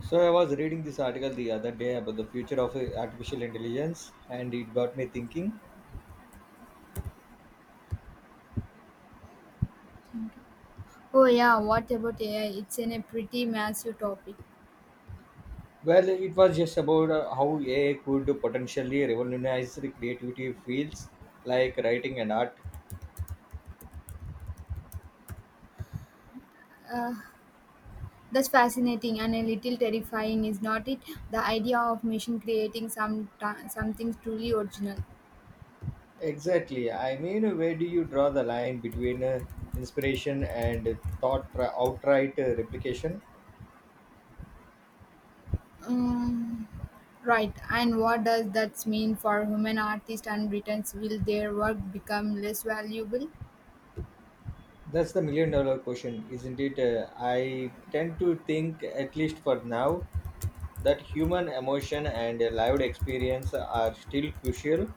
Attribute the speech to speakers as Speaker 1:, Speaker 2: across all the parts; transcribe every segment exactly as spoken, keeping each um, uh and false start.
Speaker 1: So I was reading this article the other day about the future of uh, artificial intelligence, and it got me thinking.
Speaker 2: Oh yeah, what about A I? It's in a pretty massive topic.
Speaker 1: Well, it was just about uh, how A I could potentially revolutionize the creative fields like writing and art.
Speaker 2: Uh, that's fascinating and a little terrifying, is not it? The idea of machine creating some something truly original.
Speaker 1: Exactly. I mean, where do you draw the line between uh, inspiration and thought tra- outright uh, replication?
Speaker 2: Um, right. And what does that mean for human artists and writers? Will their work become less valuable?
Speaker 1: That's the million dollar question, isn't it? Uh, I tend to think, at least for now, that human emotion and uh, lived experience are still crucial.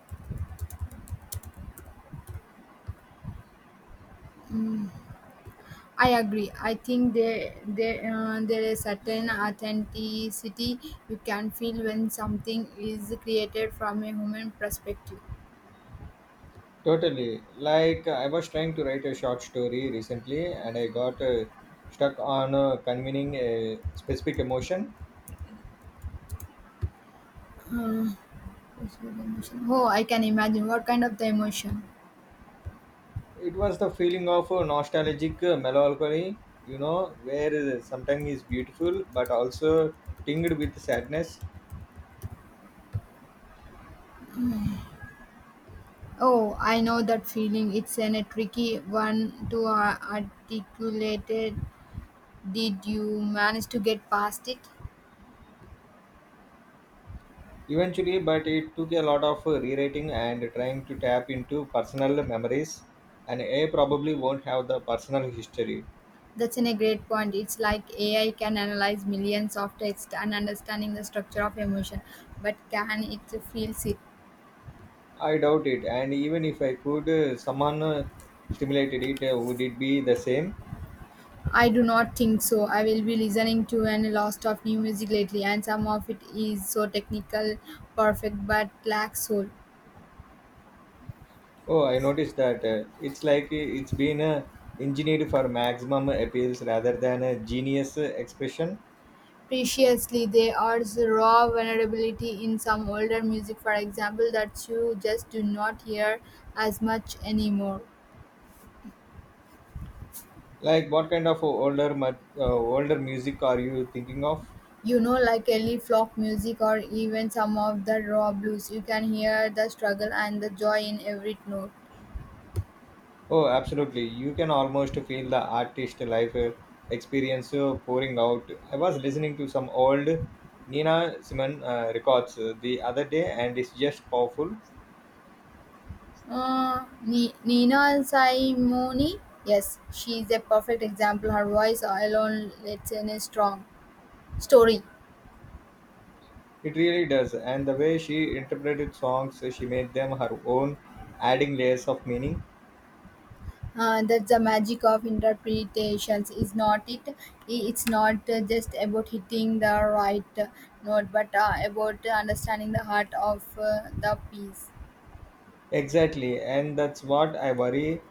Speaker 2: I agree. I think there there uh, there is certain authenticity you can feel when something is created from a human perspective.
Speaker 1: Totally. Like I was trying to write a short story recently, and I got uh, stuck on uh, convening a specific emotion.
Speaker 2: Um, Yes, with emotion. Oh, I can imagine. What kind of the emotion?
Speaker 1: It was the feeling of uh, nostalgic uh, melancholy, you know, where uh, sometimes is beautiful but also tinged with sadness.
Speaker 2: Oh, I know that feeling. It's an, a tricky one to uh, articulate. It. Did you manage to get past it?
Speaker 1: Eventually, but it took a lot of uh, rewriting and trying to tap into personal memories, and I probably won't have the personal history.
Speaker 2: That's an, a great point. It's like A I can analyze millions of text and understanding the structure of emotion, but can it feel it?
Speaker 1: I doubt it. And even if I could, uh, someone uh, stimulated it, uh, would it be the same?
Speaker 2: I do not think so. I will be listening to a lot of new music lately, and some of it is so technical, perfect, but lacks soul.
Speaker 1: Oh, I noticed that. Uh, it's like uh, it's been uh, engineered for maximum appeals rather than a genius uh, expression.
Speaker 2: Preciously, there are raw vulnerability in some older music, for example, that you just do not hear as much anymore.
Speaker 1: Like, what kind of older, mu- uh, older music are you thinking of?
Speaker 2: You know, like early folk music or even some of the raw blues, you can hear the struggle and the joy in every note.
Speaker 1: Oh, absolutely. You can almost feel the artist life uh, experience uh, pouring out. I was listening to some old Nina Simon uh, records uh, the other day, and it's just powerful.
Speaker 2: Uh, Ni- Nina Simone, yes, she is a perfect example. Her voice alone lets in a strong story.
Speaker 1: It really does, and the way she interpreted songs, she made them her own, adding layers of meaning.
Speaker 2: Uh, that's the magic of interpretations, is not it? I- It's not uh, just about hitting the right uh, note, but uh, about uh, understanding the heart of uh, the piece.
Speaker 1: Exactly, and that's what I worry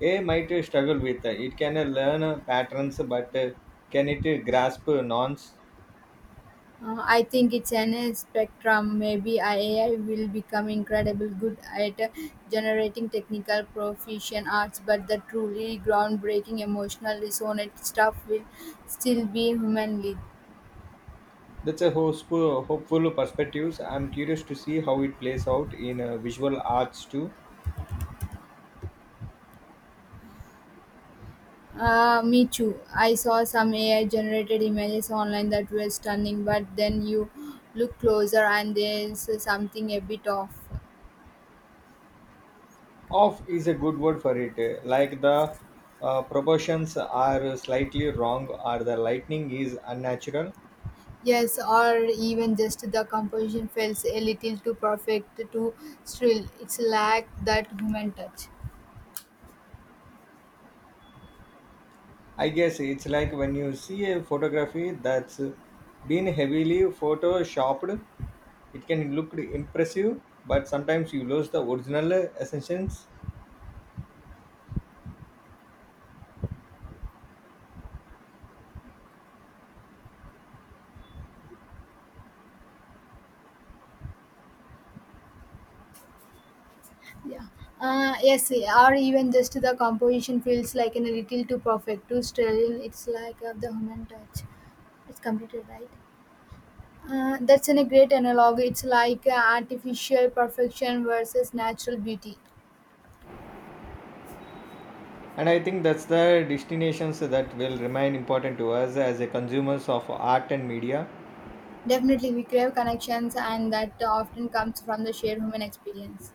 Speaker 1: A might struggle with. It can learn patterns, but can it grasp nouns?
Speaker 2: Uh, I think it's an uh, spectrum. Maybe I- A I will become incredibly good at uh, generating technical proficient arts, but the truly groundbreaking emotional resonant stuff will still be humanly.
Speaker 1: That's a hopeful, hopeful perspective. I'm curious to see how it plays out in uh, visual arts too.
Speaker 2: Uh, me too. I saw some A I generated images online that were stunning, but then you look closer and there's something a bit off.
Speaker 1: Off is a good word for it, like the uh, proportions are slightly wrong or the lightning is unnatural.
Speaker 2: Yes, or even just the composition feels a little too perfect, too still. It's lack that human touch.
Speaker 1: I guess it's like when you see a photography that's been heavily photoshopped, it can look impressive, but sometimes you lose the original essence.
Speaker 2: Yeah. Uh, yes, or even just the composition feels like in a little too perfect, too sterile. It's like of the human touch. It's completed, right? Uh, that's an, a great analog. It's like uh, artificial perfection versus natural beauty.
Speaker 1: And I think that's the destinations that will remain important to us as a consumers of art and media.
Speaker 2: Definitely, we crave connections, and that often comes from the shared human experience.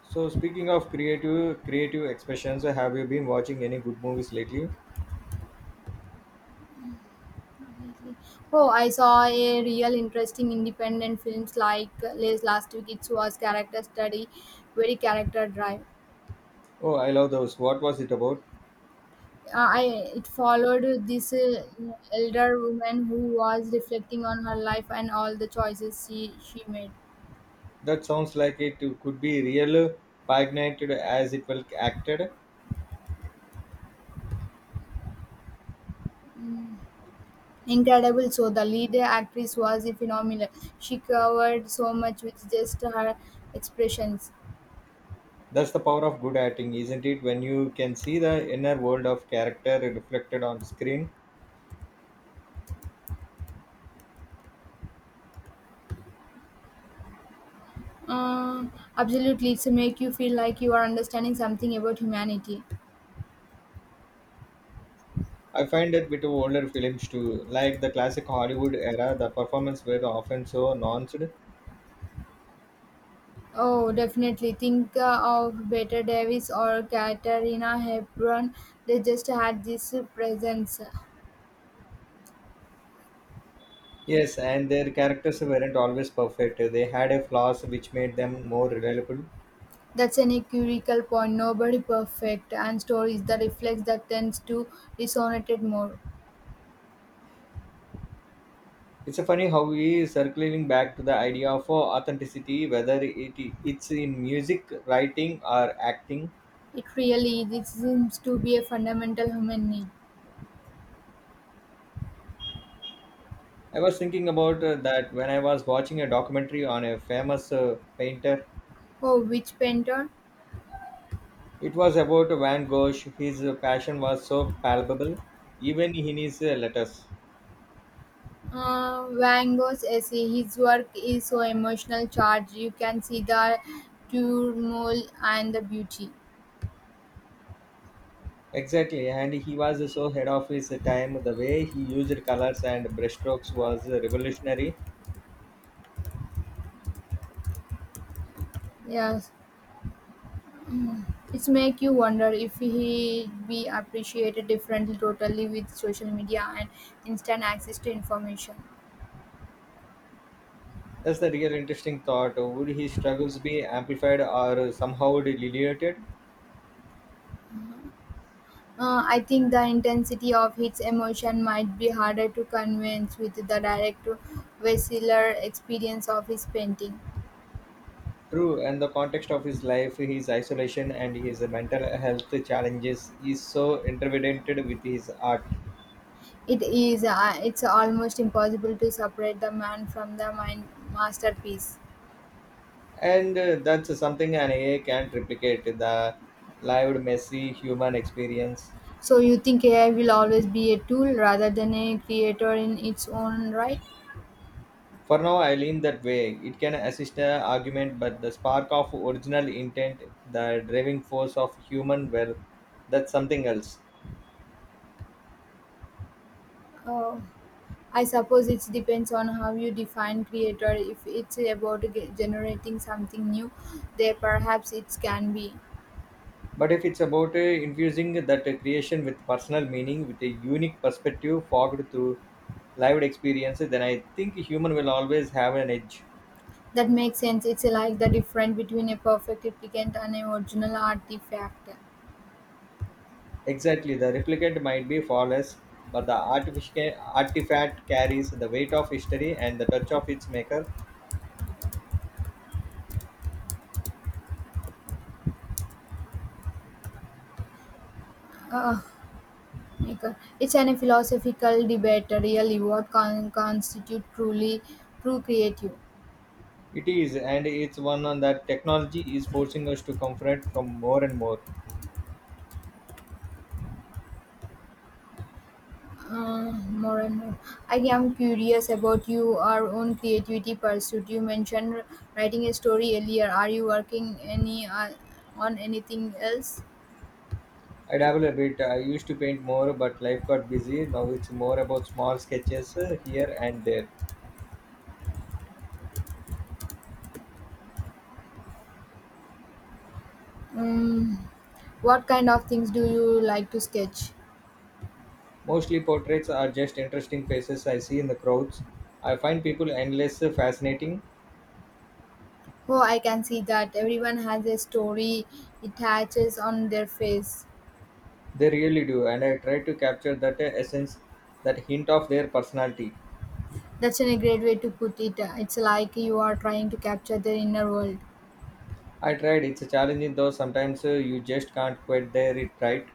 Speaker 1: So speaking of creative creative expressions, have you been watching any good movies lately?
Speaker 2: Definitely. Oh, I saw a real interesting independent films like uh, last last week. It was character study, very character drive.
Speaker 1: Oh, I love those. What was it about?
Speaker 2: Uh, I It followed this uh, elder woman who was reflecting on her life and all the choices she she made.
Speaker 1: That sounds like it could be real, pagnated as it well acted.
Speaker 2: Incredible. So the lead actress was phenomenal. She covered so much with just her expressions.
Speaker 1: That's the power of good acting, isn't it? When you can see the inner world of character reflected on screen.
Speaker 2: Uh, Absolutely, it's make you feel like you are understanding something about humanity.
Speaker 1: I find that with older films too, like the classic Hollywood era, the performances were often so nuanced.
Speaker 2: Oh, definitely. Think uh, of Bette Davis or Katarina Hepburn. They just had this presence.
Speaker 1: Yes, and their characters weren't always perfect. They had a flaws which made them more reliable.
Speaker 2: That's an empirical point. Nobody perfect, and stories that reflects that tends to resonate more.
Speaker 1: It's a funny how we is circling back to the idea of uh, authenticity, whether it it's in music, writing, or acting.
Speaker 2: It really is. It seems to be a fundamental human need.
Speaker 1: I was thinking about uh, that when I was watching a documentary on a famous uh, painter.
Speaker 2: Oh, which painter?
Speaker 1: It was about Van Gogh. His passion was so palpable, even in his uh, letters.
Speaker 2: Uh, Van Gogh's essay. His work is so emotional charged. You can see the turmoil and the beauty.
Speaker 1: Exactly, and he was so ahead of his time. The way he used colors and brushstrokes was revolutionary.
Speaker 2: Yes, it's make you wonder if he be appreciated differently totally with social media and instant access to information.
Speaker 1: That's the real interesting thought. Would his struggles be amplified or somehow diluted?
Speaker 2: Uh, I think the intensity of his emotion might be harder to convince with the direct, visceral experience of his painting.
Speaker 1: True, and the context of his life, his isolation, and his mental health challenges is so intertwined with his art.
Speaker 2: It is. Uh, it's almost impossible to separate the man from the mind masterpiece.
Speaker 1: And uh, that's something an A I can't replicate the lived, messy human experience.
Speaker 2: So you think A I will always be a tool rather than a creator in its own right?
Speaker 1: For now, I lean that way. It can assist an argument, but the spark of original intent, the driving force of human will, that's something else.
Speaker 2: Uh, I suppose it depends on how you define creator. If it's about ge- generating something new, there perhaps it can be.
Speaker 1: But if it's about uh, infusing that uh, creation with personal meaning, with a unique perspective fogged through lived experience, then I think human will always have an edge.
Speaker 2: That makes sense. It's like the difference between a perfect replicant and an original artifact.
Speaker 1: Exactly, the replicate might be flawless, but the artific- artifact carries the weight of history and the touch of its maker.
Speaker 2: Uh, Maker. It's an, philosophical debate, uh, really, what con- constitute truly true creative.
Speaker 1: It is, and it's one on that technology is forcing us to confront from more and more.
Speaker 2: Uh, more and more. I am curious about your own creativity pursuit. You mentioned writing a story earlier. Are you working any uh, on anything else?
Speaker 1: I dabble a bit. I used to paint more, but life got busy. Now it's more about small sketches uh, here and there.
Speaker 2: Um, what kind of things do you like to sketch?
Speaker 1: Mostly portraits are just interesting faces I see in the crowds. I find people endless uh, fascinating.
Speaker 2: Oh, I can see that everyone has a story it attaches on their face.
Speaker 1: They really do, and I try to capture that uh, essence, that hint of their personality.
Speaker 2: That's in a great way to put it. It's like you are trying to capture their inner world.
Speaker 1: I tried. It's a challenging though. Sometimes uh, you just can't quite there it right.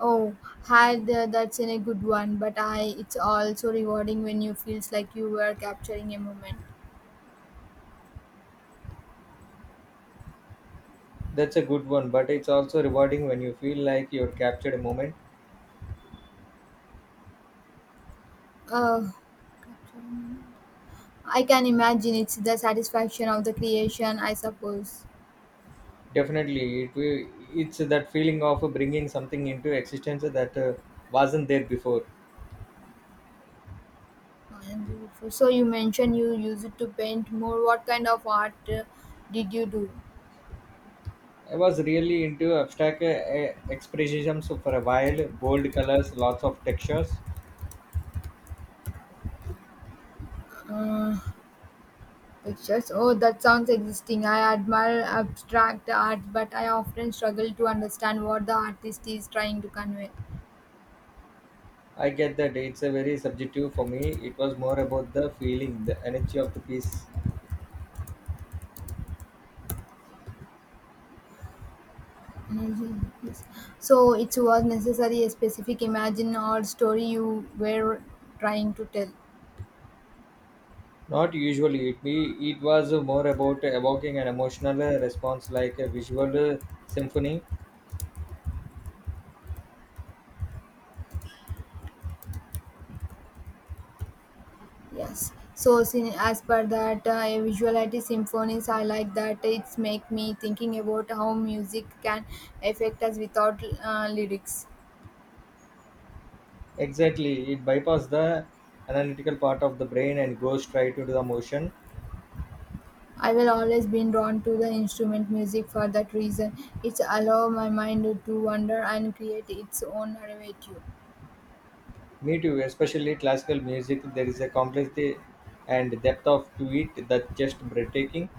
Speaker 2: Oh, had uh, That's in a good one, but I it's also rewarding when you feels like you were capturing a moment.
Speaker 1: That's a good one, but it's also rewarding when you feel like you're captured a moment.
Speaker 2: Uh, capturing- I can imagine it's the satisfaction of the creation, I suppose.
Speaker 1: Definitely, it will. It's that feeling of bringing something into existence that uh, wasn't there before.
Speaker 2: And beautiful. So you mentioned you use it to paint more. What kind of art uh, did you do?
Speaker 1: I was really into abstract uh, uh, expressionism for a while. Bold colors, lots of textures.
Speaker 2: Uh, Pictures. Oh, that sounds existing. I admire abstract art, but I often struggle to understand what the artist is trying to convey.
Speaker 1: I get that it's a very subjective for me. It was more about the feeling, the energy of the piece.
Speaker 2: Mhm. Yes. So, it was necessary a specific imagine or story you were trying to tell.
Speaker 1: Not usually. It we it was more about evoking an emotional response like a visual symphony.
Speaker 2: Yes. So, sin- as per that, uh, a visuality symphonies, I like that. It's make me thinking about how music can affect us without uh, lyrics.
Speaker 1: Exactly. It bypasses the analytical part of the brain and goes straight into the emotion.
Speaker 2: I will always been drawn to the instrument music for that reason. It's allow my mind to wander and create its own narrative.
Speaker 1: Me too, especially classical music. There is a complexity and depth of to it that just breathtaking.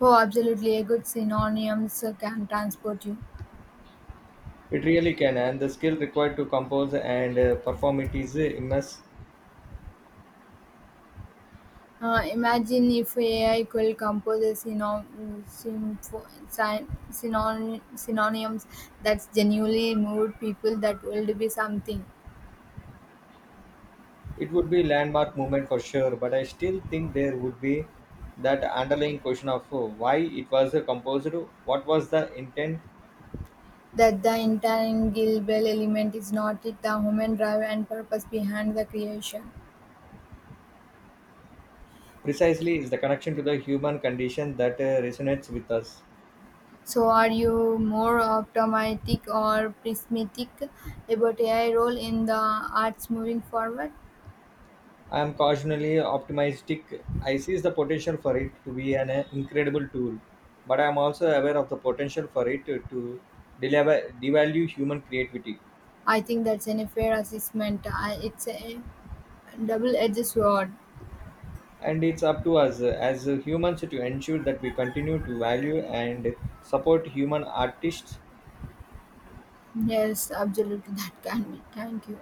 Speaker 2: Oh, absolutely, a good synonyms can transport you.
Speaker 1: It really can, and the skill required to compose and uh, perform it is immense.
Speaker 2: Uh, imagine if A I could compose a synom- sympho- syn- synon- synonyms that's genuinely moved people, that would be something.
Speaker 1: It would be landmark moment for sure, but I still think there would be that underlying question of uh, why it was uh, composed, what was the intent.
Speaker 2: That the intangible element is not it, the human drive and purpose behind the creation.
Speaker 1: Precisely is the connection to the human condition that uh, resonates with us.
Speaker 2: So, are you more optimistic or pessimistic about A I role in the arts moving forward?
Speaker 1: I am cautionally optimistic. I see the potential for it to be an uh, incredible tool, but I am also aware of the potential for it to, to deliver, devalue human creativity.
Speaker 2: I think that's an fair assessment. I, it's a double-edged sword.
Speaker 1: And it's up to us uh, as uh, humans to ensure that we continue to value and support human artists.
Speaker 2: Yes, absolutely, that can be. Thank you.